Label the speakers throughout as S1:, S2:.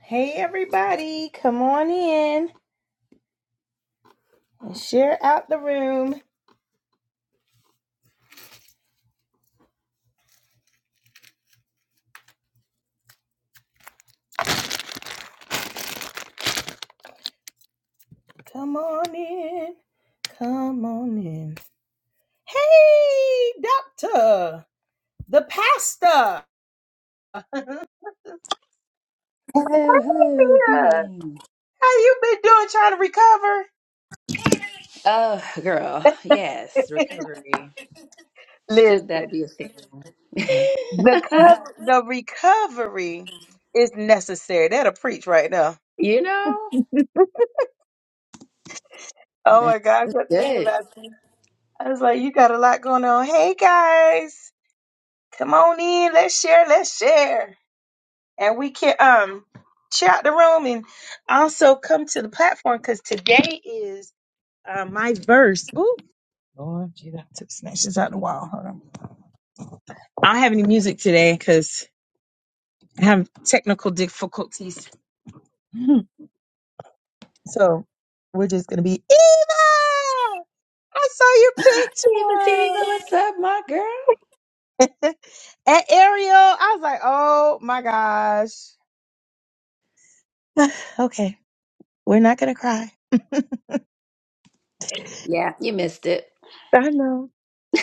S1: Hey, everybody, come on in and share out the room. Come on in. Come on in. Hey, doctor, the pastor.
S2: Hello, hello,
S1: Yeah.
S2: greetings.
S1: How you been doing trying to
S2: Oh, girl, yes,
S1: recover?
S2: recovery. Should that
S1: Listen,
S2: be a thing?
S1: the cover, the recovery is necessary. That'll preach right now.
S2: you know?
S1: Oh
S2: That's
S1: my gosh, I'm thinking
S2: good.
S1: about this. I was like, you got a lot going on. Hey guys. Come on in, let's share, let's share. And we can um share out the room and also come to the platform because today is uh, my verse. Ooh, Lord, gee, I took snatches out the wall. Hold on. I don't have any music today because I have technical difficulties. Mhm. So we're just gonna be Eva. I saw your
S2: Diva, Diva,
S1: picture.
S2: what's up, my girl?
S1: and Ariel, I was like, oh my gosh. okay, we're not gonna cry.
S2: Yeah, you missed it.
S1: I know.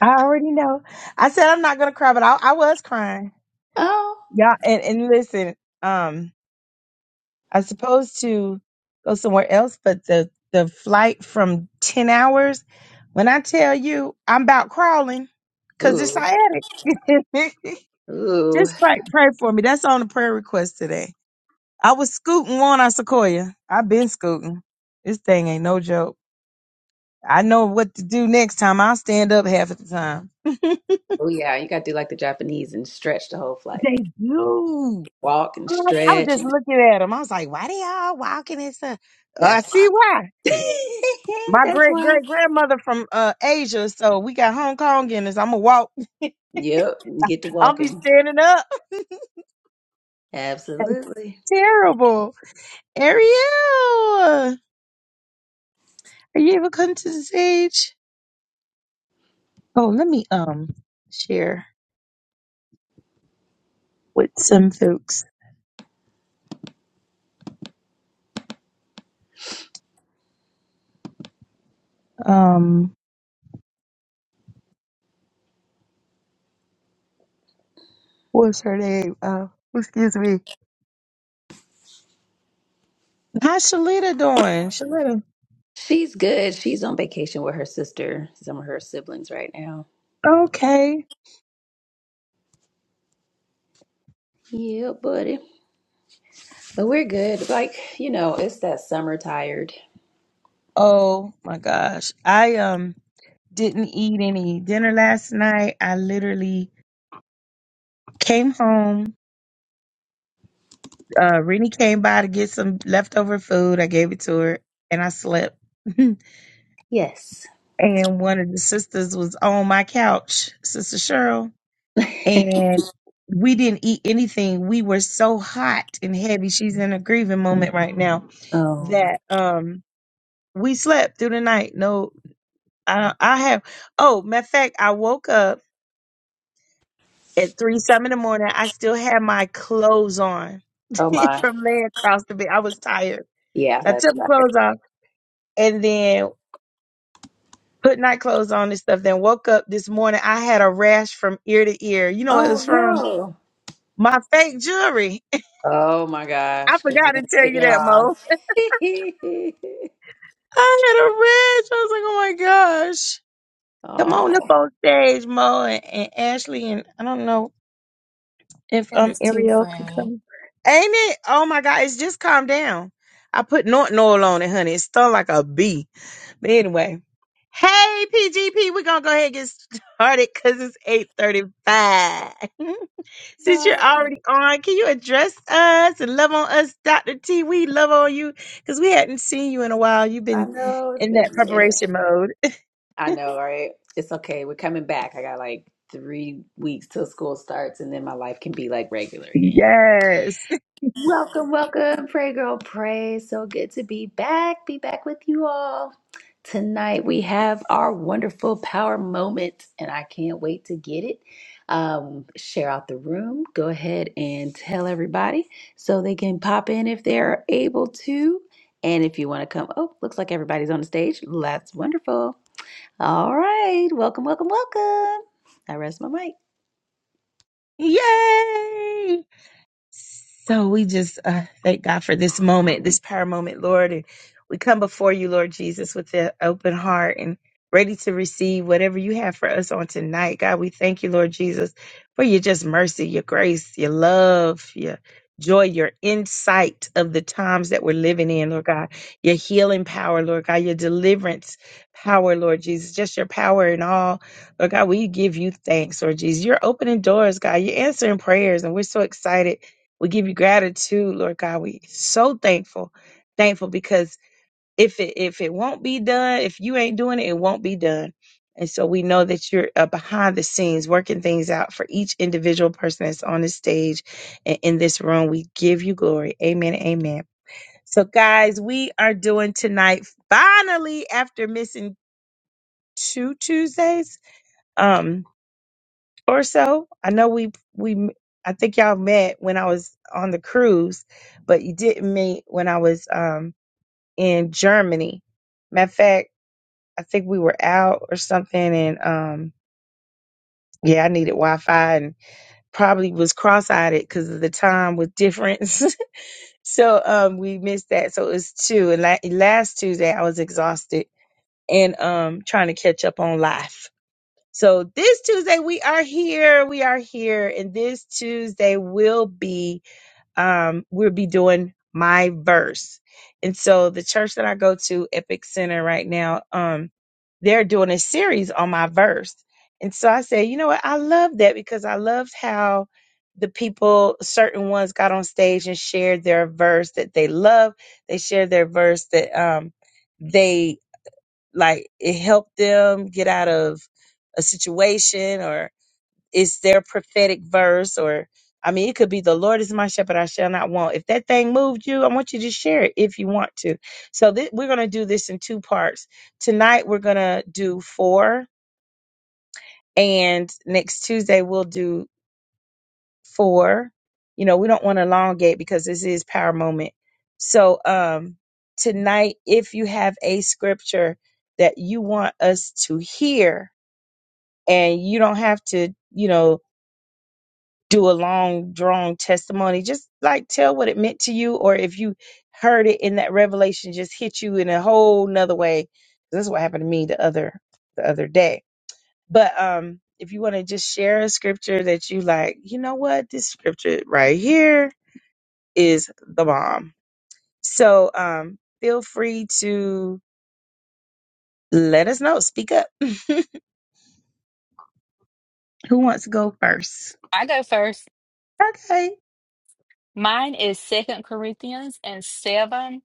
S1: I already know. I said I'm not gonna cry, but I, I was crying.
S2: oh,
S1: Yeah, and, and listen, um, I was supposed to go somewhere else, but the the flight from ten hours. When I tell you, I'm about crawling because it's
S2: ooh,
S1: sciatic.
S2: ooh.
S1: Just pray, pray for me. That's on the prayer request today. I was scooting one on Sequoia. I've been scooting. This thing ain't no joke. I know what to do next time. I'll stand up half of the time.
S2: Oh, yeah, you gotta do like the Japanese and stretch the whole flight.
S1: They do.
S2: Walk and
S1: I was
S2: stretch,
S1: just
S2: and
S1: looking at them. I was like, why they all walking in some? I
S2: that's why.
S1: see why. My
S2: that's
S1: great
S2: why.
S1: great grandmother from uh, Asia, so we got Hong Kong in us. I'm gonna walk.
S2: Yep, get to
S1: I'll be
S2: walking.
S1: standing up.
S2: Absolutely.
S1: Terrible. Ariel, are you able to come to the stage? Oh, let me um share with some folks. Um, what's her name? Uh, excuse me. How's Shalita doing? Shalita.
S2: She's good. She's on vacation with her sister, some of her siblings right now.
S1: Okay.
S2: Yeah, buddy. But we're good. Like, you know, it's that summer tired.
S1: Oh my gosh. I um. Didn't eat any dinner last night. I literally came home. Uh, Rennie came by to get some leftover food. I gave it to her and I slept. and
S2: Yes.
S1: one of the sisters was on my couch, Sister Cheryl, and we didn't eat anything. We were so hot and heavy. She's in a grieving moment right now
S2: Um,
S1: that um we slept through the night. No, I I have. Oh, matter of fact, I woke up at three some in the morning, I still had my clothes on
S2: oh my.
S1: from laying across the bed. I was tired.
S2: Yeah,
S1: So I
S2: that's
S1: took my
S2: tired.
S1: clothes off and then put night clothes on and stuff. Then woke up this morning. I had a rash from ear to ear. You know what it was
S2: Oh
S1: from?
S2: no.
S1: My fake jewelry.
S2: Oh my
S1: I
S2: gosh, because you
S1: forgot to
S2: didn't
S1: tell
S2: take it
S1: you that, Mo.
S2: off.
S1: I had a rash. I was like, oh my gosh. Come on up
S2: oh
S1: on stage, Mo and, and Ashley, and I don't know If
S3: That
S1: um
S3: is too
S1: Ariel could
S3: funny.
S1: come. Ain't it? Oh my god, it's just calmed down. I put Norton oil on it, honey. It stung like a bee. But anyway. Hey PGP, we're gonna go ahead and get started because it's 835. Since you're
S2: no.
S1: already on, can you address us and love on us, Dr. T? We love on you because we hadn't seen you in a while. You've
S2: I
S1: been
S2: know it's
S1: in
S2: been
S1: that
S2: a minute.
S1: preparation mode.
S2: I know, right? It's okay. We're coming back. I got like three weeks till school starts and then my life can be like regular again.
S1: Yes.
S2: Welcome, welcome, Pray Girl Pray. So good to be back, be back with you all. Tonight we have our wonderful power moment, and I can't wait to get it. Um, share out the room, go ahead and tell everybody so they can pop in if they're able to. And if you want to come, oh, looks like everybody's on the stage. That's wonderful. All right, welcome, welcome, welcome. I rest my mic.
S1: Yay. So we just uh, thank God for this moment, this power moment, Lord. And we come before you, Lord Jesus, with an open heart and ready to receive whatever you have for us on tonight. God, we thank you, Lord Jesus, for your just mercy, your grace, your love, your joy, your insight of the times that we're living in, Lord God, your healing power, Lord God, your deliverance power, Lord Jesus, just your power and all. Lord God, we give you thanks, Lord Jesus. You're opening doors, God. You're answering prayers, and we're so excited we give you gratitude, Lord God. We so thankful, thankful because if it if it won't be done, if you ain't doing it, it won't be done. And so we know that you're uh, behind the scenes working things out for each individual person that's on this stage and in this room. We give you glory. Amen. Amen. So guys, we are doing tonight finally after missing two Tuesdays. Um or so. I know we we I think y'all met when I was on the cruise, but you didn't meet when I was um in Germany. Matter of fact, I think we were out or something, and um yeah, I needed Wi-Fi and probably was cross-eyed because of the time with difference. so um we missed that. So it was two, and la- last Tuesday I was exhausted and um trying to catch up on life. So this Tuesday we are here. We are here, and this Tuesday will be um we'll be doing my verse. And so the church that I go to, Epic Center, right now, um, they're doing a series on my verse. And so I said, you know what? I love that because I loved how the people, certain ones, got on stage and shared their verse that they love. They shared their verse that um they like it helped them get out of a situation or it's their prophetic verse or I mean it could be the Lord is my shepherd I shall not want. If that thing moved you, I want you to share it if you want to. So thi- we're going to do this in two parts. Tonight we're going to do 4 and next Tuesday we'll do 4. You know, we don't want to elongate because this is power moment. So um tonight if you have a scripture that you want us to hear and you don't have to you know do a long drawn testimony just like tell what it meant to you or if you heard it in that revelation just hit you in a whole nother way this is what happened to me the other the other day but um if you want to just share a scripture that you like you know what this scripture right here is the bomb so um feel free to let us know speak up who wants to go first
S4: I go first.
S1: Okay.
S4: Mine is Second Corinthians and seven.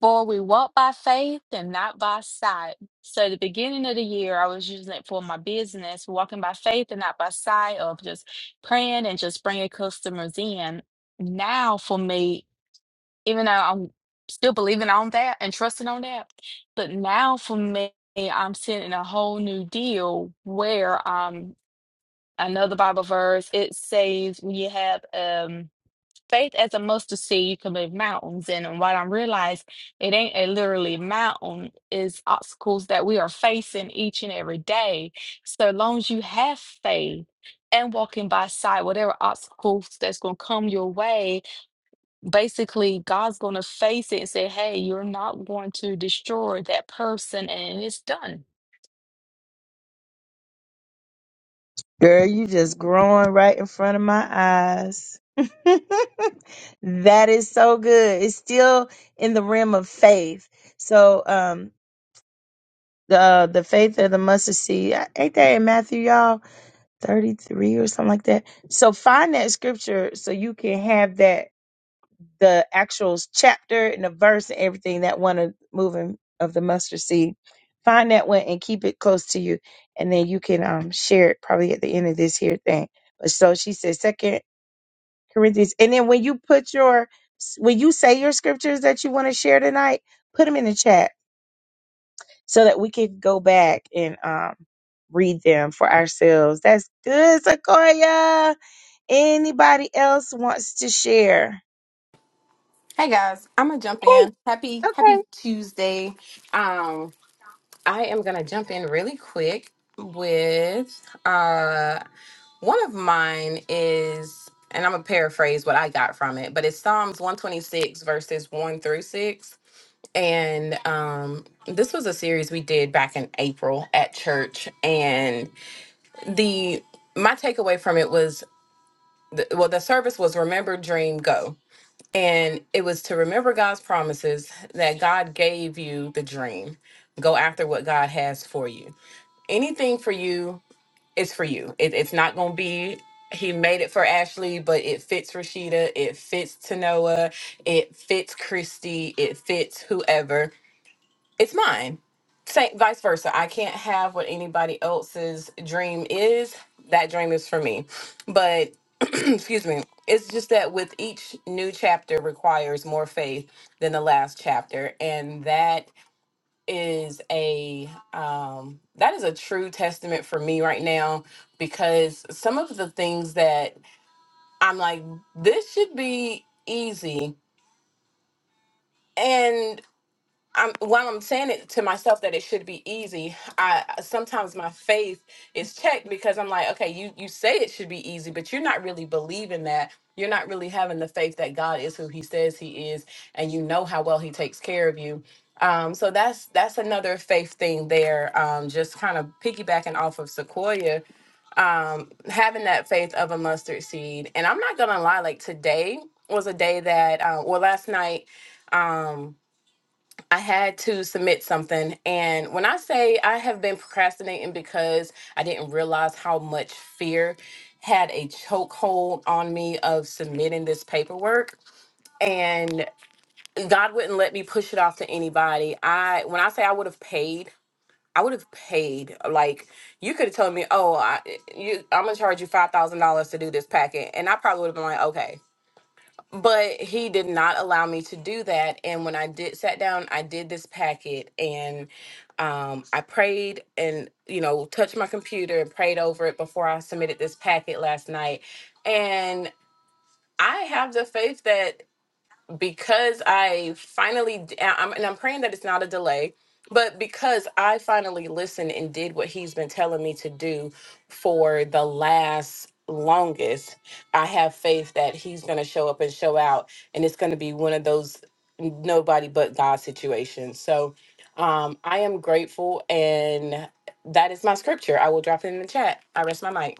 S4: For we walk by faith and not by sight. So the beginning of the year, I was using it for my business, walking by faith and not by sight, of just praying and just bringing customers in. Now for me, even though I'm still believing on that and trusting on that, but now for me, I'm sitting in a whole new deal where um another Bible verse it says when you have um faith as a mustard seed, you can move mountains. And what I realized, it ain't a literally mountain, is obstacles that we are facing each and every day. So long as you have faith and walking by sight, whatever obstacles that's going to come your way, basically God's going to face it and say, hey, you're not going to destroy that person. And it's done.
S1: Girl, you just growing right in front of my eyes. that is so good. It's still in the realm of faith. So, um, the uh, the faith of the mustard seed. Ain't that in Matthew, y'all? Thirty three or something like that. So find that scripture so you can have that the actual chapter and the verse and everything that one of moving of the mustard seed. Find that one and keep it close to you, and then you can um share it probably at the end of this here thing. But so she says, Second Corinthians, and then when you put your when you say your scriptures that you want to share tonight, put them in the chat so that we can go back and um read them for ourselves. That's good, Sequoia. Anybody else wants to share?
S5: Hey guys, I'm gonna jump
S1: Hey,
S5: in. Happy
S1: okay.
S5: Happy Tuesday. Um, I am gonna jump in really quick with uh one of mine is, and I'm gonna paraphrase what I got from it, but it's Psalms 126 verses one through six. And um, this was a series we did back in April at church, and the my takeaway from it was, the, well, the service was remember, dream, go and it was to remember God's promises that God gave you the dream. Go after what God has for you. Anything for you is for you. It, it's not going to be, He made it for Ashley, but it fits Rashida. It fits Tanoa. It fits Christy. It fits whoever. It's mine. Same, vice versa. I can't have what anybody else's dream is. That dream is for me. But Excuse me. It's just that with each new chapter requires more faith than the last chapter, and that is a um, that is a true testament for me right now because some of the things that I'm like, this should be easy, and I'm while I'm saying it to myself that it should be easy, I sometimes my faith is checked because I'm like, okay, you you say it should be easy, but you're not really believing that. You're not really having the faith that God is who he says he is and you know how well he takes care of you. Um, so that's that's another faith thing there. Um, just kind of piggybacking off of Sequoia, um, having that faith of a mustard seed. And I'm not gonna lie, like today was a day that, uh, well, last night, Um, I had to submit something. And when I say I have been procrastinating because I didn't realize how much fear had a chokehold on me of submitting this paperwork. And God wouldn't let me push it off to anybody. I when I say I would have paid, I would have paid. Like you could have told me, "Oh, I, you, I'm gonna charge you five thousand dollars to do this packet," and I probably would have been like, "Okay." but he did not allow me to do that and when i did sat down i did this packet and um, i prayed and you know touched my computer and prayed over it before i submitted this packet last night and i have the faith that because I finally d- I- I'm, and I'm praying that it's not a delay, but because I finally listened and did what he's been telling me to do for the last longest, I have faith that he's going to show up and show out and it's going to be one of those nobody but God situations. So, um I am grateful and that is my scripture. I will drop it in the chat. I rest my mic.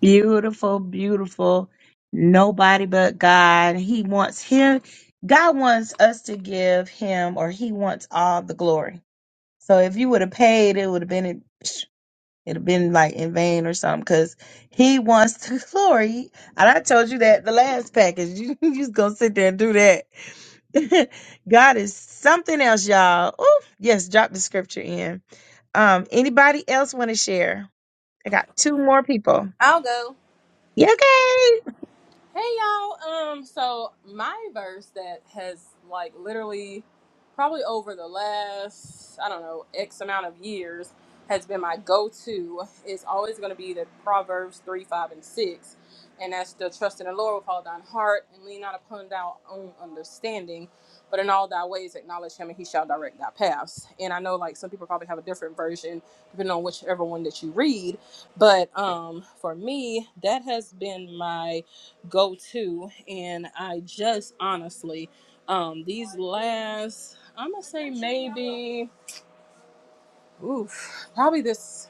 S1: Beautiful, beautiful. Nobody but God. He wants him. God wants us to give him, or he wants all the glory. So if you would have paid, it would have been in- it'd have been like in vain or something, because he wants the glory. And I told you that the last package. You just gonna sit there and do that. God is something else, y'all. Ooh, yes, drop the scripture in. Um, anybody else want to share? I got two more people.
S6: I'll go.
S1: Yeah, okay.
S6: Hey y'all. Um so my verse that has like literally probably over the last I don't know X amount of years has been my go-to is always going to be the Proverbs 3, 5 and 6. And that's the trust in the Lord with all thine heart and lean not upon thy own understanding, but in all thy ways acknowledge him and he shall direct thy paths. And I know like some people probably have a different version depending on whichever one that you read, but um for me that has been my go to and i just honestly um these last i'm gonna say maybe oof probably this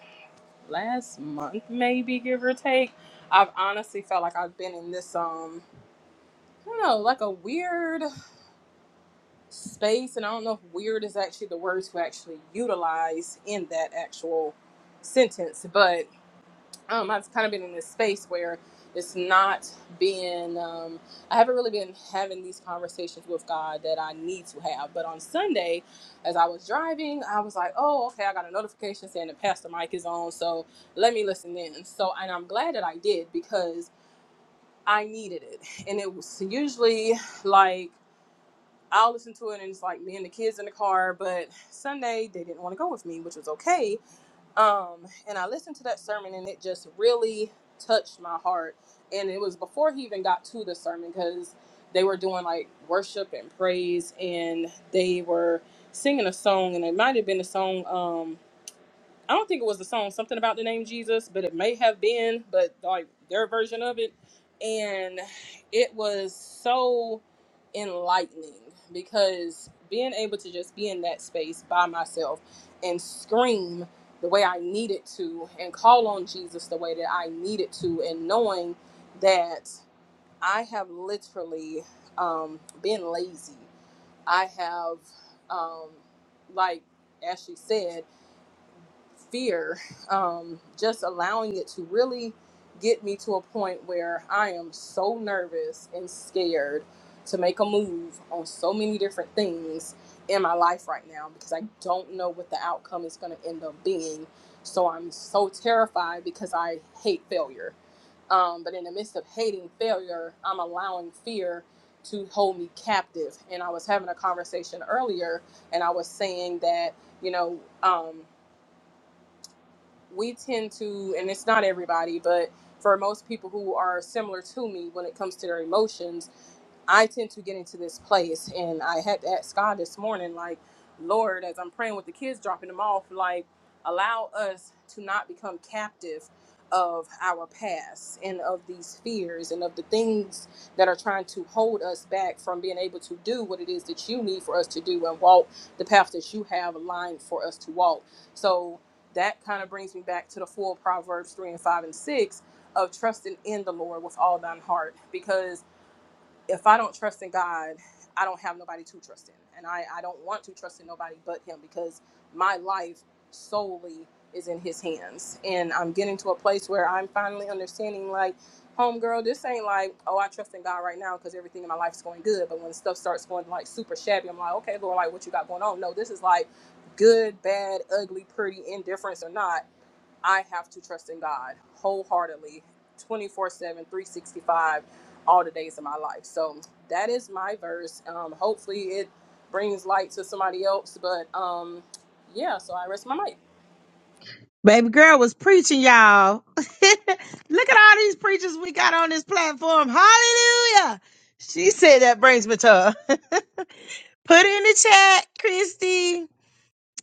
S6: last month maybe give or take i've honestly felt like i've been in this um i don't know like a weird space and i don't know if weird is actually the word to actually utilize in that actual sentence but um, I've kind of been in this space where it's not being, um, I haven't really been having these conversations with God that I need to have. But on Sunday, as I was driving, I was like, oh, okay, I got a notification saying that Pastor Mike is on. So let me listen in. So, and I'm glad that I did because I needed it. And it was usually like, I'll listen to it and it's like me and the kids in the car. But Sunday, they didn't want to go with me, which was okay um and i listened to that sermon and it just really touched my heart and it was before he even got to the sermon because they were doing like worship and praise and they were singing a song and it might have been a song Um. I don't think it was the song something about the name Jesus, but it may have been, but like their version of it. And it was so enlightening because being able to just be in that space by myself and scream the way I needed to and call on Jesus the way that I needed to and knowing that I have literally um, been lazy. I have um, like as she said fear, um, just allowing it to really get me to a point where I am so nervous and scared to make a move on so many different things in my life right now because I don't know what the outcome is going to end up being. So I'm so terrified because I hate failure. Um, but in the midst of hating failure, I'm allowing fear to hold me captive. And I was having a conversation earlier and I was saying that, you know, um, we tend to, and it's not everybody, but for most people who are similar to me when it comes to their emotions, I tend to get into this place, and I had to ask God this morning, like, Lord, as I'm praying with the kids, dropping them off, like, allow us to not become captive of our past and of these fears and of the things that are trying to hold us back from being able to do what it is that you need for us to do and walk the path that you have aligned for us to walk. So that kind of brings me back to the full Proverbs 3 and 5 and 6 of trusting in the Lord with all thine heart because if I don't trust in God, I don't have nobody to trust in. And I, I don't want to trust in nobody but Him because my life solely is in His hands. And I'm getting to a place where I'm finally understanding, like, homegirl, this ain't like, oh, I trust in God right now because everything in my life is going good. But when stuff starts going like super shabby, I'm like, okay, Lord, like, what you got going on? No, this is like good, bad, ugly, pretty, indifference or not. I have to trust in God wholeheartedly, 24 7, 365, all the days of my life. So that is my verse. Um, hopefully, it brings light to somebody else. But um, yeah, so I rest my mic.
S1: Baby girl was preaching, y'all. Look at all these preachers we got on this platform. Hallelujah. She said that brings me to her. Put it in the chat, Christy.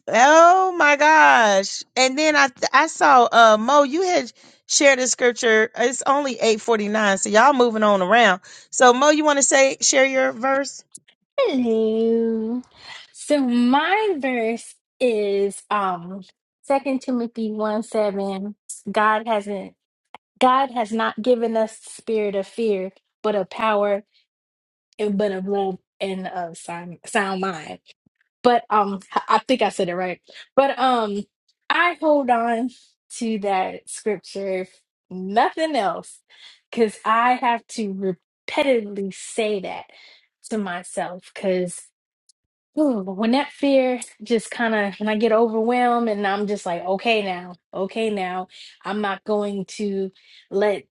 S1: Oh my gosh. And then I I saw uh Mo, you had shared a scripture. It's only 849, so y'all moving on around. So Mo, you want to say share your verse?
S3: Hello. So my verse is um Second Timothy one seven. God hasn't God has not given us the spirit of fear, but of power and but of love and of sound, sound mind. but um i think i said it right but um i hold on to that scripture if nothing else because i have to repetitively say that to myself Ooh, but when that fear just kind of when I get overwhelmed and I'm just like, okay now, okay now, I'm not going to let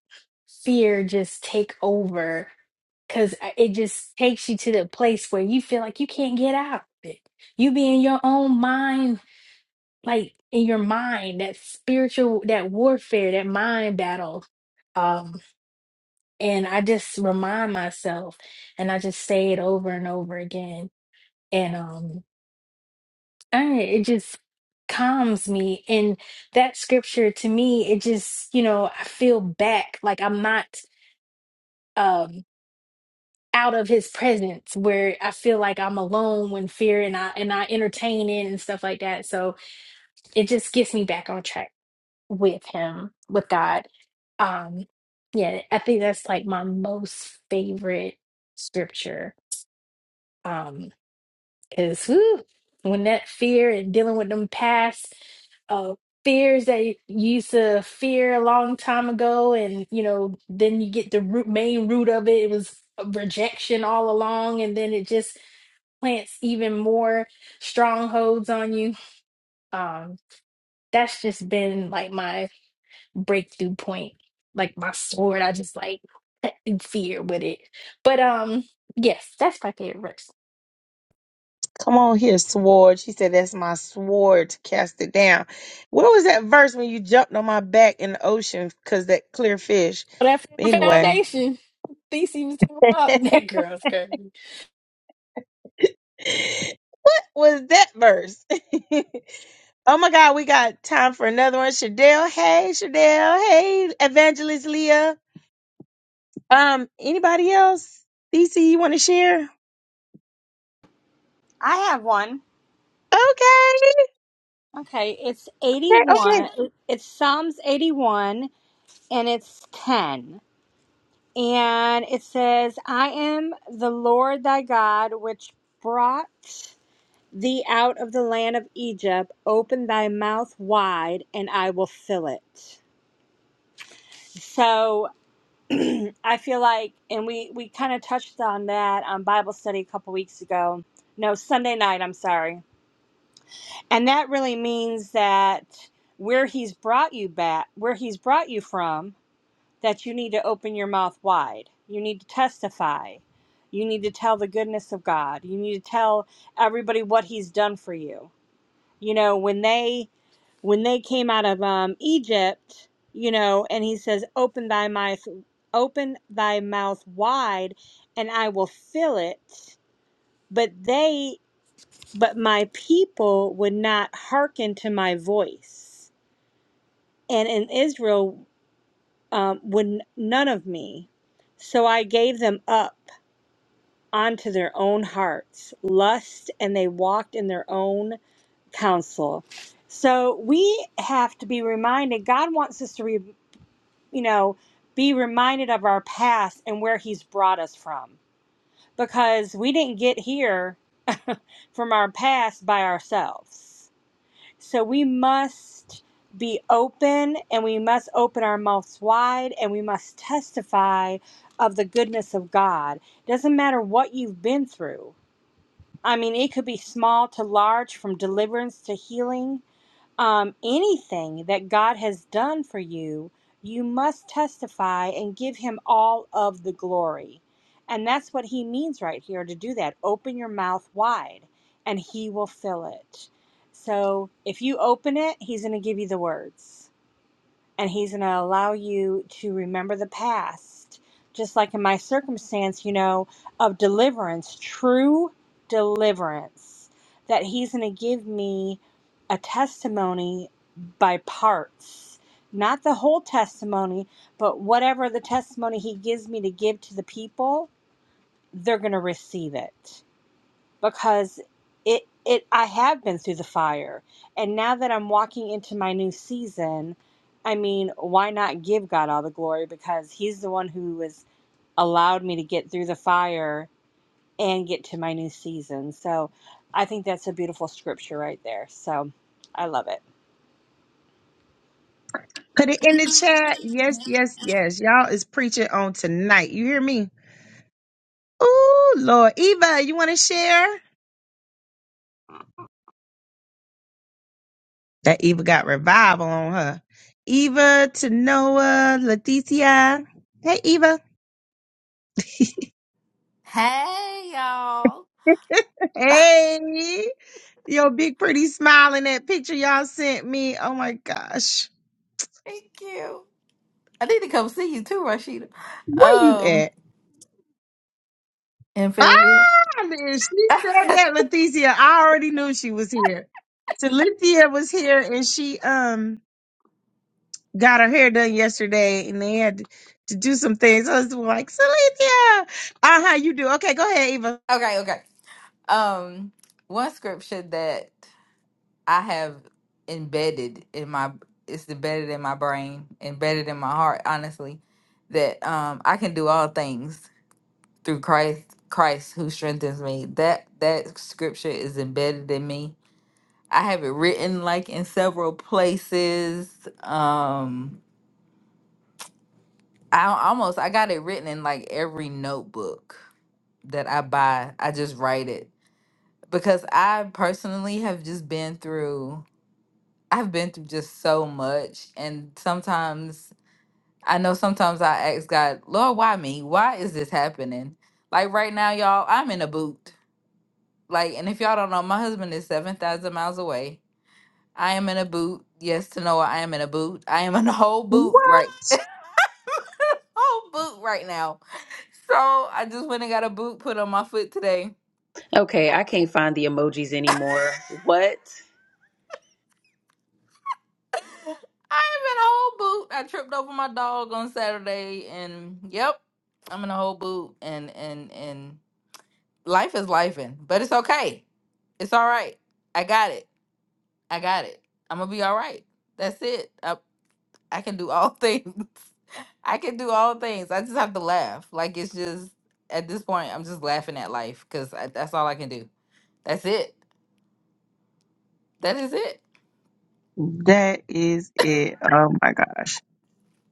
S3: fear just take over because it just takes you to the place where you feel like you can't get out of it. You be in your own mind, like in your mind, that spiritual, that warfare, that mind battle. Um, and I just remind myself and I just say it over and over again. And um uh, it just calms me. And that scripture to me, it just, you know, I feel back like I'm not um out of his presence where I feel like I'm alone when fear and I and I entertain it and stuff like that. So it just gets me back on track with him, with God. Um yeah, I think that's like my most favorite scripture. Um Cause when that fear and dealing with them past uh fears that you used to fear a long time ago, and you know, then you get the root main root of it. It was rejection all along, and then it just plants even more strongholds on you. Um, that's just been like my breakthrough point, like my sword. I just like in fear with it. But um, yes, that's my favorite verse.
S1: Come on here, sword. She said, That's my sword to cast it down. What was that verse when you jumped on my back in the ocean because that clear fish?
S3: That from
S1: Anyway,
S3: foundation. These was talking about that girl's crazy.
S1: was that verse? oh my God, we got time for another one. Shadell, hey, Shadell, hey, Evangelist Leah. Um, anybody else? DC, you want to share?
S7: I have one.
S1: Okay,
S7: Okay, it's
S1: okay, okay.
S7: 81. It's Psalms 81 and it's 10. And it says, I am the Lord thy God, which brought thee out of the land of Egypt. Open thy mouth wide, and I will fill it. So I feel like, and we, we kind of touched on that on Bible study a couple weeks ago. No, Sunday night, I'm sorry And that really means that where he's brought you back, where he's brought you from, that you need to open your mouth wide. You need to testify. You need to tell the goodness of God. You need to tell everybody what he's done for you. You know, when they when they came out of um, Egypt, you know, and he says, "Open thy mouth, open thy mouth wide, and I will fill it." But they but my people would not hearken to my voice, and in Israel um, would none of me. So I gave them up onto their own hearts, lust, and they walked in their own counsel. So we have to be reminded. God wants us to, re, you know, be reminded of our past and where He's brought us from, because we didn't get here from our past by ourselves So we must be open and we must open our mouths wide and we must testify of the goodness of God. Doesn't matter what you've been through. I mean, it could be small to large, from deliverance to healing um, anything that God has done for you, you must testify and give Him all of the glory. And that's what He means right here to do that. Open your mouth wide and He will fill it. So if you open it, He's going to give you the words and he's going to allow you to remember the past just like in my circumstance you know of deliverance true deliverance that he's going to give me a testimony by parts not the whole testimony but whatever the testimony he gives me to give to the people they're going to receive it because it it I have been through the fire. And now that I'm walking into my new season, I mean, why not give God all the glory because he's the one who has allowed me to get through the fire and get to my new season. So, I think that's a beautiful scripture right there. So, I love it.
S1: Put it in the chat. Yes, yes, yes. Y'all is preaching on tonight. You hear me? Oh Lord. Eva, you want to share? That Eva got revival on her. Eva, Tanoa, Leticia. Hey, Eva.
S8: Hey y'all.
S1: Hey. Your big pretty smile in that picture y'all sent me. Oh my gosh.
S8: Thank you. I need to come see you too, Rashida.
S1: Where you
S8: Um
S1: at?
S8: in
S1: Ah,
S8: Fayetteville.
S1: man, she said
S8: okay,
S1: that, Leticia. I already knew she was here. So Lethea was here and she um got her hair done yesterday and they had to do some things. I was like, Celicia, uh how you do? Okay, go ahead, Eva.
S8: okay. Um one scripture that I have embedded in my it's embedded in my brain, embedded in my heart, honestly, that um I can do all things through Christ Christ who strengthens me. That that scripture is embedded in me. I have it written like in several places. Um I almost I got it written in like every notebook that I buy. I just write it because I personally have just been through I've been through just so much and sometimes I know sometimes I ask God, "Lord, why me? Why is this happening?" Like right now, y'all, I'm in a boot. Like and if y'all don't know, my husband is 7,000 miles away. I am in a boot. Yes to Noah, I am in a boot. I am in a whole boot right whole boot right now So I just went and got a boot put on my foot today.
S2: Okay, I can't find the emojis anymore. What?
S8: I am in a whole boot. I tripped over my dog on Saturday, and yep, I'm in a whole boot. And and and life is lifing, but it's okay. It's all right. I got it. I got it. I'm gonna be all right. That's it. I I can do all things. I can do all things. I just have to laugh. Like it's just at this point, I'm just laughing at life because that's all I can do. That's it. That is it.
S1: That is it. Oh my gosh.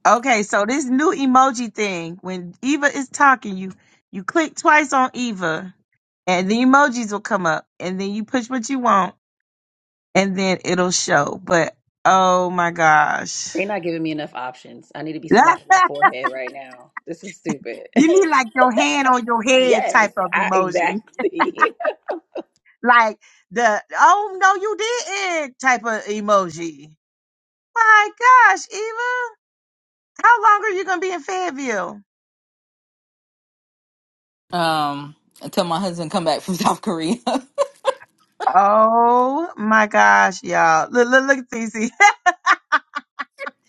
S1: Okay, so this new emoji thing, when Eva is talking, you you click twice on Eva and the emojis will come up and then you push what you want and then it'll show. But oh my gosh.
S2: They're not giving me enough options. I need to be
S1: you
S2: slapping my forehead right now. This is stupid.
S1: need like your hand on your head
S2: yes,
S1: type of
S2: I
S1: emoji.
S2: exactly.
S1: like the oh no you didn't type of emoji. My gosh, Eva, how long are you gonna be in Fayetteville?
S8: Um, until my husband come back from South Korea.
S1: Oh my gosh, y'all. Look, look, look at these.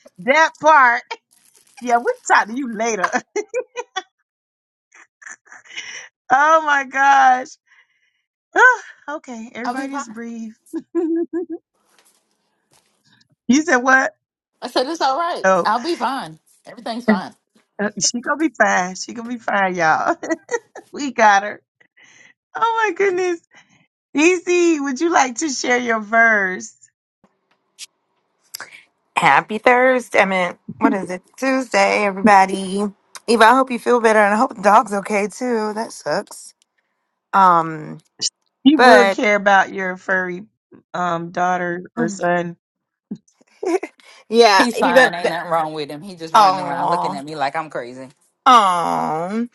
S1: that part. Yeah, we'll talk to you later. Oh my gosh. okay,
S8: I'll be
S1: everybody just
S8: fine.
S1: breathe. you said what?
S8: I said, it's all right.
S1: Oh,
S8: I'll be fine. Everything's fine.
S1: uh, she gonna be fine. She gonna be fine, y'all. we got her. Oh my goodness. Easy, would you like to share your verse?
S9: Happy Thursday. I mean, what is it? Tuesday, everybody. Eva, I hope you feel better and I hope the dog's okay too. That sucks. Um,
S1: He would
S9: but
S1: care about your furry um daughter or son.
S9: yeah,
S8: He's fine.
S9: Eva
S8: Ain't nothing wrong with him. He just running around looking
S9: oh
S8: at me like I'm crazy.
S9: oh um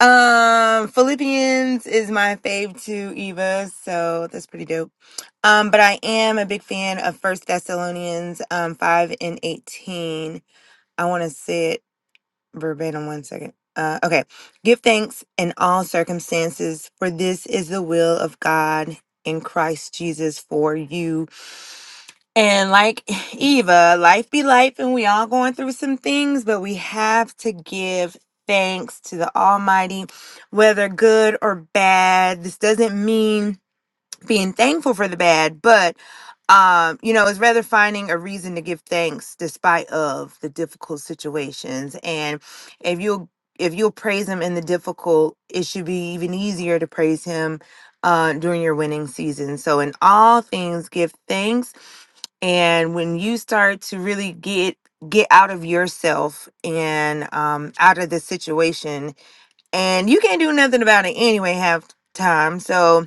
S9: um, Philippians is my fave too, Eva, so that's pretty dope. Um, but I am a big fan of First Thessalonians um five and eighteen. I wanna say it verbatim one second. Uh, okay. Give thanks in all circumstances, for this is the will of God in Christ Jesus for you. And like Eva, life be life, and we all going through some things, but we have to give thanks to the Almighty, whether good or bad. This doesn't mean being thankful for the bad, but um, you know, it's rather finding a reason to give thanks despite of the difficult situations. And if you'll if you'll praise him in the difficult, it should be even easier to praise him uh during your winning season. So in all things give thanks. And when you start to really get get out of yourself and um out of the situation and you can't do nothing about it anyway half the time. So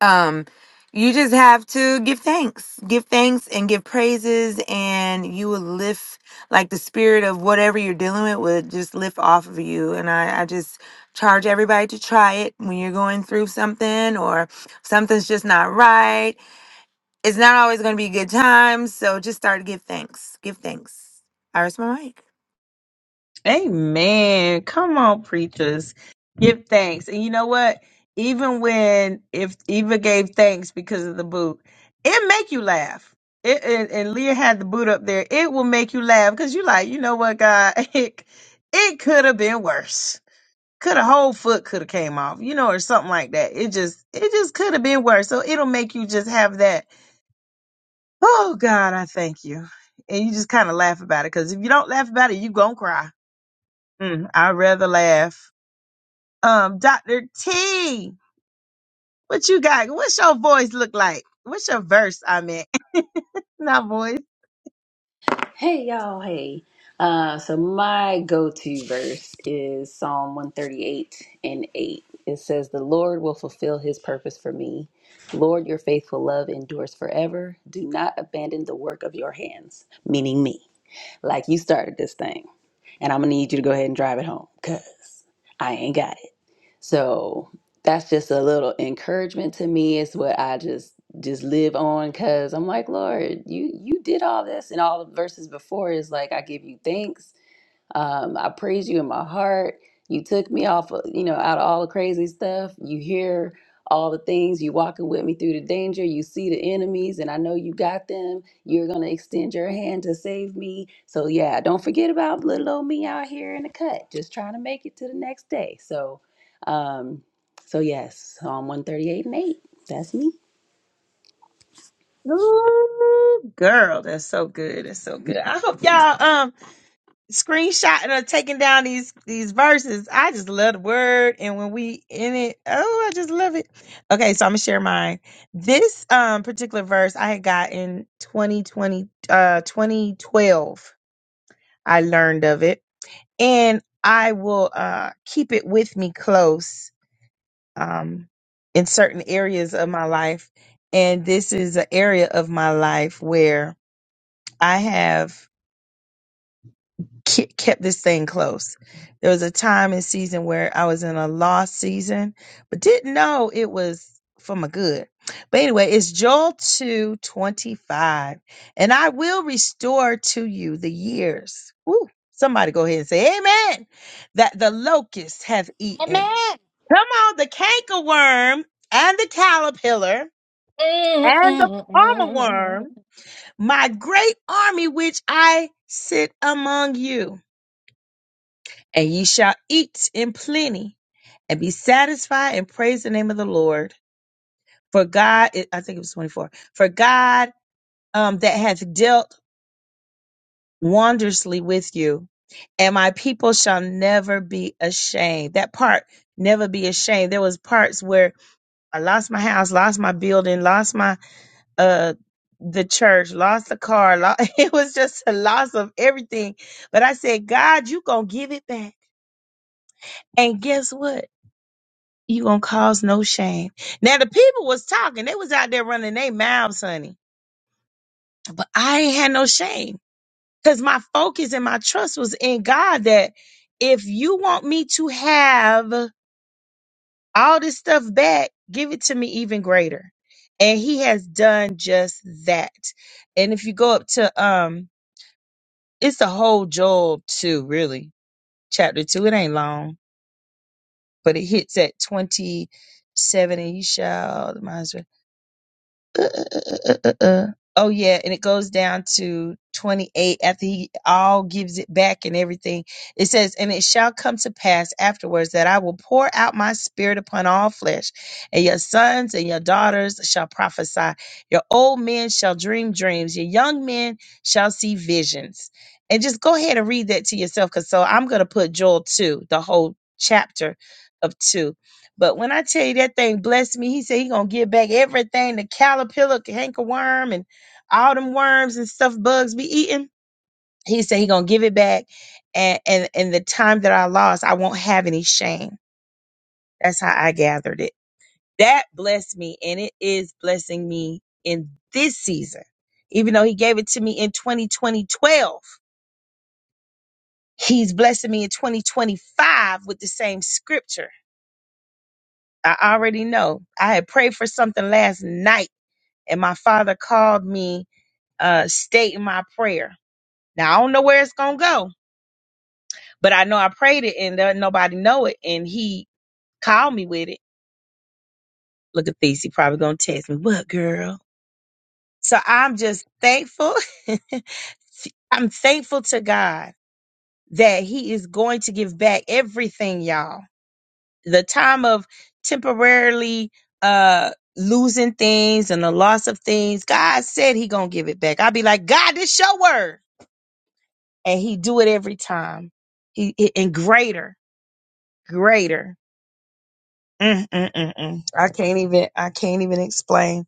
S9: um, you just have to give thanks, give thanks and give praises, and you will lift like the spirit of whatever you're dealing with would just lift off of you. And I, I just charge everybody to try it when you're going through something or something's just not right. It's not always going to be good times, so just start to give thanks. Give thanks. I rest my mic.
S1: Amen. Come on, preachers. Give thanks. And you know what? Even when if Eva gave thanks because of the boot, it make you laugh. It and, and Leah had the boot up there. It will make you laugh because you like, you know what, God, it, it could have been worse. Could a whole foot could have came off, you know, or something like that. It just it just could have been worse. So it'll make you just have that Oh God, I thank you. And you just kind of laugh about it because if you don't laugh about it, you gonna cry. Mm, I'd rather laugh. Um, Doctor T, what you got? What's your voice look like? What's your verse? I meant not voice.
S2: hey y'all, hey. Uh, so my go-to verse is Psalm 138 and 8. It says, The Lord will fulfill his purpose for me. Lord, your faithful love endures forever. Do not abandon the work of your hands, meaning me. Like you started this thing. And I'm gonna need you to go ahead and drive it home, cause I ain't got it. So that's just a little encouragement to me. It's what I just just live on because I'm like, Lord, you you did all this, and all the verses before is like, I give you thanks um, I praise you in my heart. You took me off, of, you know, out of all the crazy stuff. You hear all the things. You walking with me through the danger. You see the enemies, and I know you got them. You're gonna extend your hand to save me. So yeah, don't forget about little old me out here in the cut, just trying to make it to the next day. So, um, so yes, Psalm 138 and 8. That's me.
S1: Ooh, girl, that's so good. That's so good. I hope y'all. Um. screenshotting or taking down these these verses. I just love the word, and when we in it, oh, I just love it. Okay, so I'm gonna share mine. This um particular verse I had got in 2020, uh, 2012. I learned of it, and I will uh keep it with me close um in certain areas of my life, and this is an area of my life where I have. ke- kept this thing close. There was a time and season where I was in a lost season, but didn't know it was for my good. But anyway, it's Joel 2 25, And I will restore to you the years. Ooh, somebody go ahead and say, Amen. That the locust hath eaten.
S7: Amen.
S1: Come on, the cankerworm and the caterpillar and the palmer worm,
S3: Mm-mm-mm.
S1: my great army which I sit among you and ye shall eat in plenty and be satisfied and praise the name of the Lord. For God, I think it was 24, for God um, that hath dealt wondrously with you, and my people shall never be ashamed. That part, never be ashamed. There was parts where I lost my house, lost my building, lost my, uh, the church lost the car. lo- It was just a loss of everything. But I said, God, you gonna give it back. And guess what? You gonna cause no shame. Now the people was talking. They was out there running their mouths, honey. But I ain't had no shame. Cause my focus and my trust was in God that if you want me to have all this stuff back, give it to me even greater. And he has done just that. And if you go up to um, it's the whole Job two, really. Chapter two, it ain't long, but it hits at twenty seven and you shall uh, uh, uh, uh, uh. uh. oh yeah and it goes down to 28 after he all gives it back and everything it says and it shall come to pass afterwards that i will pour out my spirit upon all flesh and your sons and your daughters shall prophesy your old men shall dream dreams your young men shall see visions and just go ahead and read that to yourself because so i'm going to put joel 2 the whole chapter of 2 but when I tell you that thing blessed me, he said he gonna give back everything, the caterpillar, the hanker and all them worms and stuff bugs be eating. He said he gonna give it back. And and and the time that I lost, I won't have any shame. That's how I gathered it. That blessed me, and it is blessing me in this season. Even though he gave it to me in 2020, he's blessing me in 2025 with the same scripture. I already know. I had prayed for something last night and my father called me uh stating my prayer. Now I don't know where it's gonna go, but I know I prayed it and there, nobody know it. And he called me with it. Look at these, he probably gonna text me, what girl? So I'm just thankful. I'm thankful to God that He is going to give back everything, y'all. The time of temporarily uh losing things and the loss of things, God said He gonna give it back. I'll be like, God, this your word. and he do it every time. He he- and greater, greater. Mm, mm, mm, mm. I can't even I can't even explain.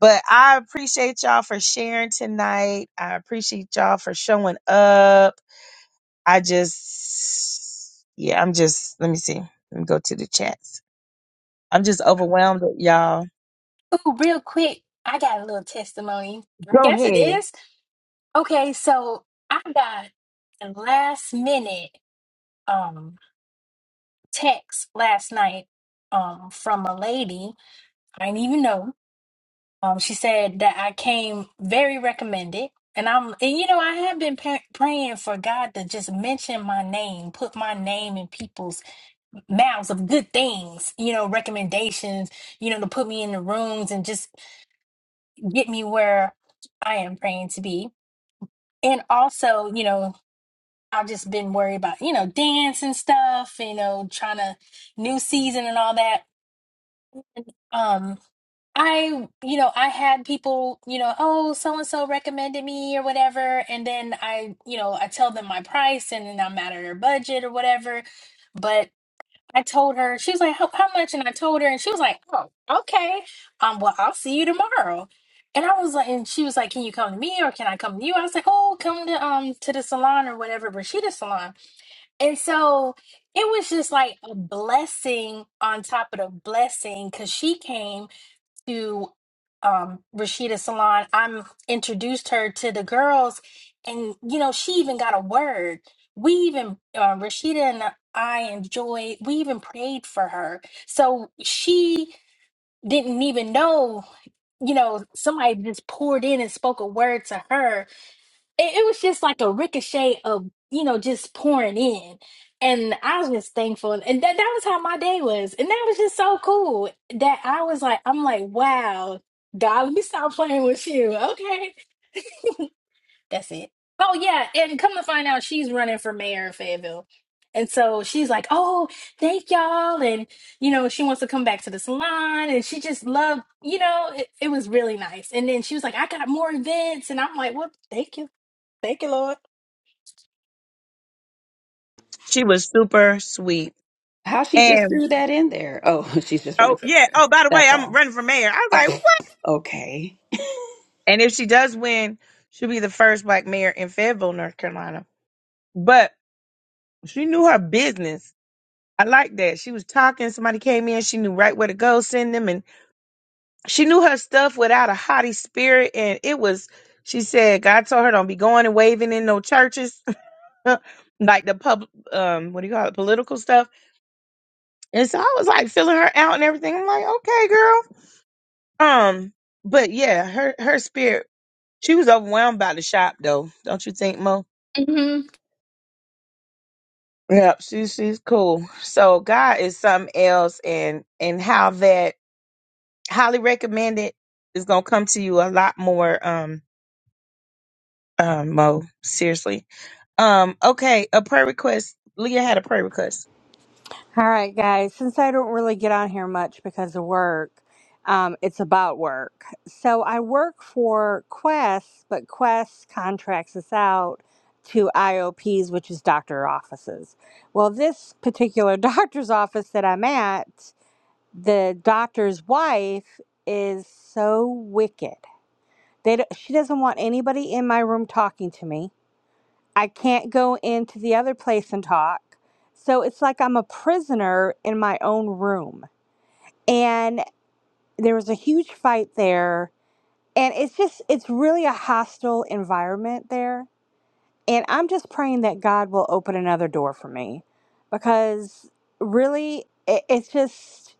S1: But I appreciate y'all for sharing tonight. I appreciate y'all for showing up. I just yeah, I'm just let me see. Let me go to the chats. I'm just overwhelmed with y'all.
S3: Ooh, real quick, I got a little testimony. I
S1: Go
S3: guess it
S1: ahead.
S3: is. Okay, so I got a last minute um text last night um from a lady I didn't even know. Um, she said that I came very recommended. And I'm, and you know, I have been pa- praying for God to just mention my name, put my name in people's mouths of good things, you know, recommendations, you know, to put me in the rooms and just get me where I am praying to be. And also, you know, I've just been worried about, you know, dance and stuff, you know, trying to new season and all that. Um, I, you know, I had people, you know, oh, so and so recommended me or whatever. And then I, you know, I tell them my price and then I'm out of their budget or whatever but. I told her, she was like, how, how much? And I told her, and she was like, oh, okay. Um, well, I'll see you tomorrow. And I was like, and she was like, can you come to me or can I come to you? I was like, oh, come to um to the salon or whatever, Rashida's salon. And so it was just like a blessing on top of the blessing because she came to um Rashida Salon, I'm introduced her to the girls, and you know, she even got a word. We even uh, Rashida and I enjoyed. We even prayed for her, so she didn't even know. You know, somebody just poured in and spoke a word to her, it, it was just like a ricochet of you know just pouring in and i was just thankful and that, that was how my day was and that was just so cool that i was like i'm like wow god let me stop playing with you okay that's it oh yeah and come to find out she's running for mayor of fayetteville and so she's like oh thank y'all and you know she wants to come back to the salon and she just loved you know it, it was really nice and then she was like i got more events and i'm like well thank you thank you lord
S1: She was super sweet.
S2: How she just
S1: And
S2: threw that in there? Oh, she's just
S1: oh
S2: running for
S1: yeah,
S2: mayor.
S1: oh by the way,
S2: That's
S1: I'm
S2: all.
S1: running for mayor. I was like,
S2: Okay.
S1: And if she does win, she'll be the first black mayor in Fayetteville, North Carolina. But she knew her business. I like that. She was talking, somebody came in, she knew right where to go, send them, and she knew her stuff without a haughty spirit. And it was, she said, God told her don't be going and waving in no churches, like the pub, um, what do you call it, political stuff. And so I was like filling her out and everything. I'm like, okay, girl. Um, but yeah, her her spirit. She was overwhelmed by the shop, though. Don't you think, Mo?
S3: Mhm.
S1: Yep, she's she's cool. So God is something else, and and how that highly recommended is gonna come to you a lot more. Um, um, Mo, seriously. Um, okay, a prayer request. Leah had a prayer request.
S7: All right, guys. Since I don't really get on here much because of work, um, it's about work. So I work for Quest, but Quest contracts us out to IOPs, which is doctor offices. Well, this particular doctor's office that I'm at, the doctor's wife is so wicked. They, don't- she doesn't want anybody in my room talking to me. I can't go into the other place and talk. So it's like I'm a prisoner in my own room. And there was a huge fight there. And it's just, it's really a hostile environment there. And I'm just praying that God will open another door for me because really, it, it's just,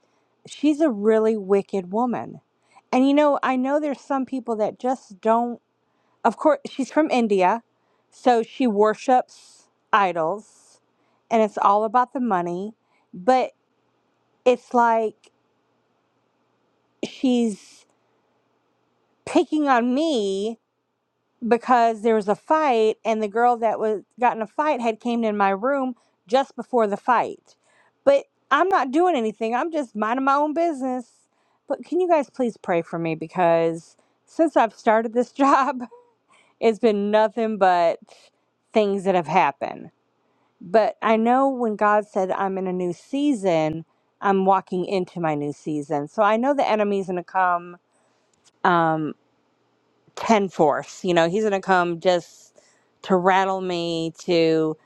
S7: she's a really wicked woman. And you know, I know there's some people that just don't of course she's from India, so she worships idols and it's all about the money, but it's like she's picking on me because there was a fight and the girl that was got in a fight had came in my room just before the fight. But I'm not doing anything. I'm just minding my own business. But can you guys please pray for me because since I've started this job, it's been nothing but things that have happened. But I know when God said, I'm in a new season, I'm walking into my new season. So I know the enemy's going to come um, 10 force. You know, he's going to come just to rattle me, to,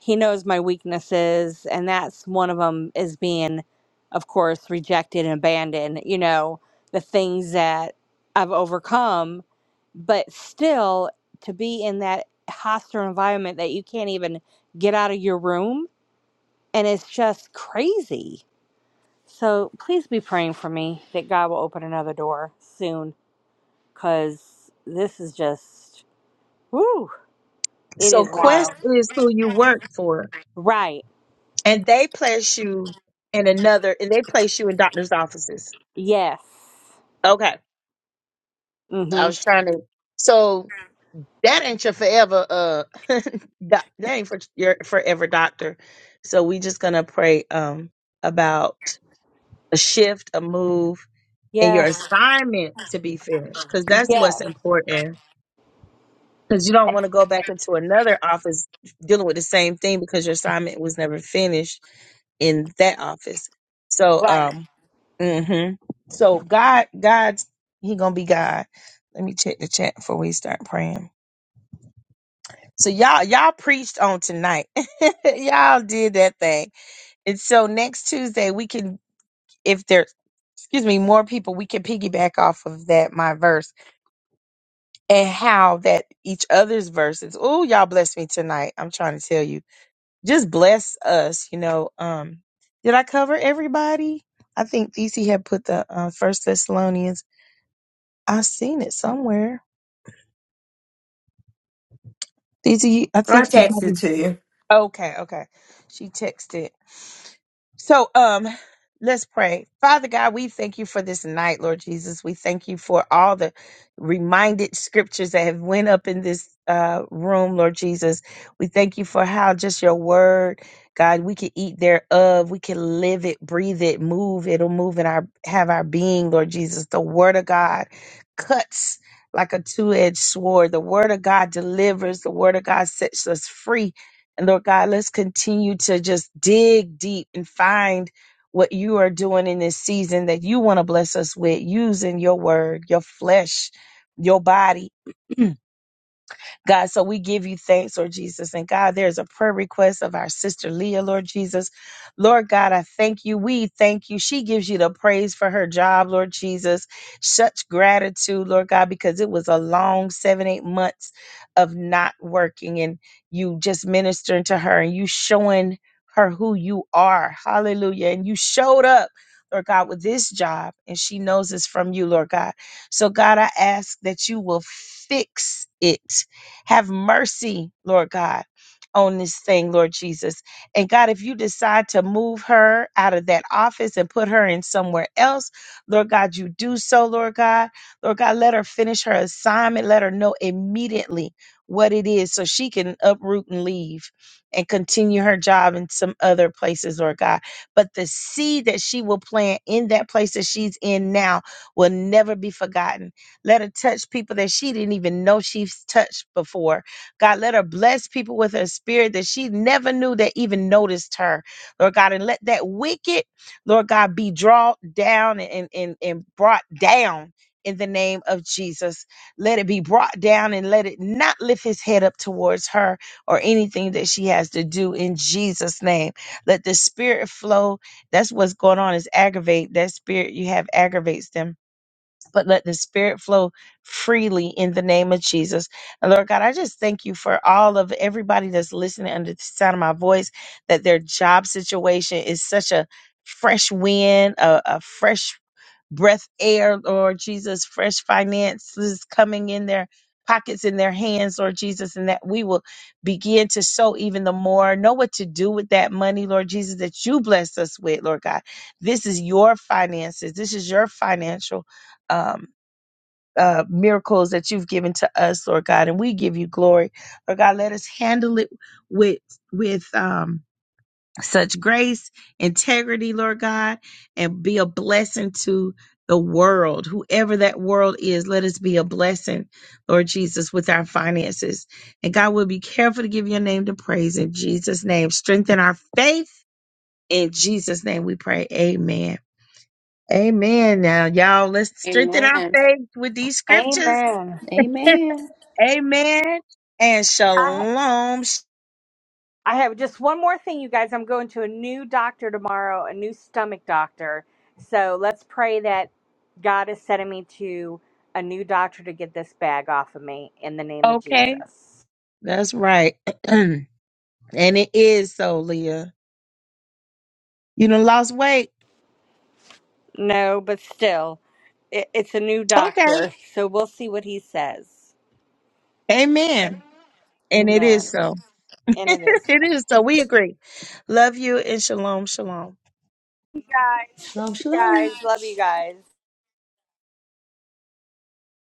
S7: he knows my weaknesses. And that's one of them is being, of course, rejected and abandoned, you know, the things that I've overcome. But still, to be in that hostile environment that you can't even get out of your room and it's just crazy. So please be praying for me that God will open another door soon because this is just, whoo, it
S1: So
S7: is wild.
S1: Quest is who you work for,
S7: Right.
S1: and they place you in another, and they place you in doctor's offices.
S7: Yes.
S1: Okay, I
S7: Mm-hmm.
S1: was trying to. So that ain't your forever uh doc- that ain't for your forever doctor so we just gonna pray um about a shift a move and your
S7: Yes.
S1: assignment to be finished because that's what's
S7: Yes.
S1: important because you don't want to go back into another office dealing with the same thing because your assignment was never finished in that office so um hmm so god god's he gonna be god let me check the chat before we start praying So y'all y'all preached on tonight. y'all did that thing. And so next Tuesday we can if there's excuse me, more people, we can piggyback off of that my verse and how that each other's verses. Oh, y'all bless me tonight. I'm trying to tell you. Just bless us, you know. Um did I cover everybody? I think DC had put the uh, First Thessalonians. I've seen it somewhere. DC, I
S9: I
S1: think you
S9: text
S1: probably.
S9: it to you.
S1: Okay, okay. She texted. So, um, let's pray. Father God, we thank you for this night, Lord Jesus. We thank you for all the reminded scriptures that have went up in this uh room, Lord Jesus. We thank you for how just your word, God, we can eat thereof, we can live it, breathe it, move, it'll move in our have our being, Lord Jesus. The word of God cuts like a two-edged sword. The word of God delivers. The word of God sets us free and Lord God, let's continue to just dig deep and find what you are doing in this season that you want to bless us with using your word, your flesh, your body. God, so we give you thanks, Lord Jesus. And God, there's a prayer request of our sister Leah, Lord Jesus. Lord God, I thank you. We thank you. She gives you the praise for her job, Lord Jesus. Such gratitude, Lord God, because it was a long seven, eight months of not working and you just ministering to her and you showing her who you are. Hallelujah. And you showed up. Lord God, with this job, and she knows it's from you, Lord God. So, God, I ask that you will fix it have mercy, Lord God, on this thing, Lord Jesus. And God, if you decide to move her out of that office and put her in somewhere else, Lord God, you do so, Lord God. Lord God, let her finish her assignment. Let her know immediately what it is so she can uproot and leave and continue her job in some other places, Lord God. But the seed that she will plant in that place that she's in now will never be forgotten let her touch people that she didn't even know she's touched before. God, let her bless people with her spirit that she never knew that even noticed her. Lord God, and let that wicked, Lord God, be drawn down and, and, and brought down in the name of Jesus. Let it be brought down and let it not lift his head up towards her or anything that she has to do in Jesus' name. Let the spirit flow. That's what's going on is aggravate. That spirit you have aggravates them but let the spirit flow freely in the name of Jesus. And Lord God, I just thank you for all of everybody that's listening under the sound of my voice, that their job situation is such a fresh wind, a, a fresh breath air, Lord Jesus, fresh finances coming in their pockets in their hands, Lord Jesus, and that we will begin to sow even the more, know what to do with that money, Lord Jesus, that you blessed us with, Lord God. This is your finances. This is your financial um uh, miracles that you've given to us, Lord God, and we give you glory. Lord God, let us handle it with with um, such grace, integrity, Lord God, and be a blessing to the world, whoever that world is. Let us be a blessing, Lord Jesus, with our finances. And God, will be careful to give your name to praise in Jesus' name. Strengthen our faith in Jesus' name. We pray. Amen. Amen. Now, y'all, let's strengthen our
S5: Amen.
S1: faith with these scriptures.
S7: Amen.
S2: Amen.
S1: Amen and
S7: I,
S1: shalom. Sh-
S7: I have just one more thing, you guys. I'm going to a new doctor tomorrow, a new stomach doctor. So let's pray that God is sending me to a new doctor to get this bag off of me in the name of
S1: Okay,
S7: Jesus.
S1: that's right. and it is so, Leah. You done lost weight.
S7: No, but still, it, it's a new
S1: Okay,
S7: doctor, so we'll see what he says.
S1: amen. And it
S7: Amen.
S1: is so.
S7: And it is.
S1: it is so. We agree. Love you and shalom, shalom.
S7: Guys,
S2: Shalom,
S7: you
S2: shalom.
S7: guys, love you guys.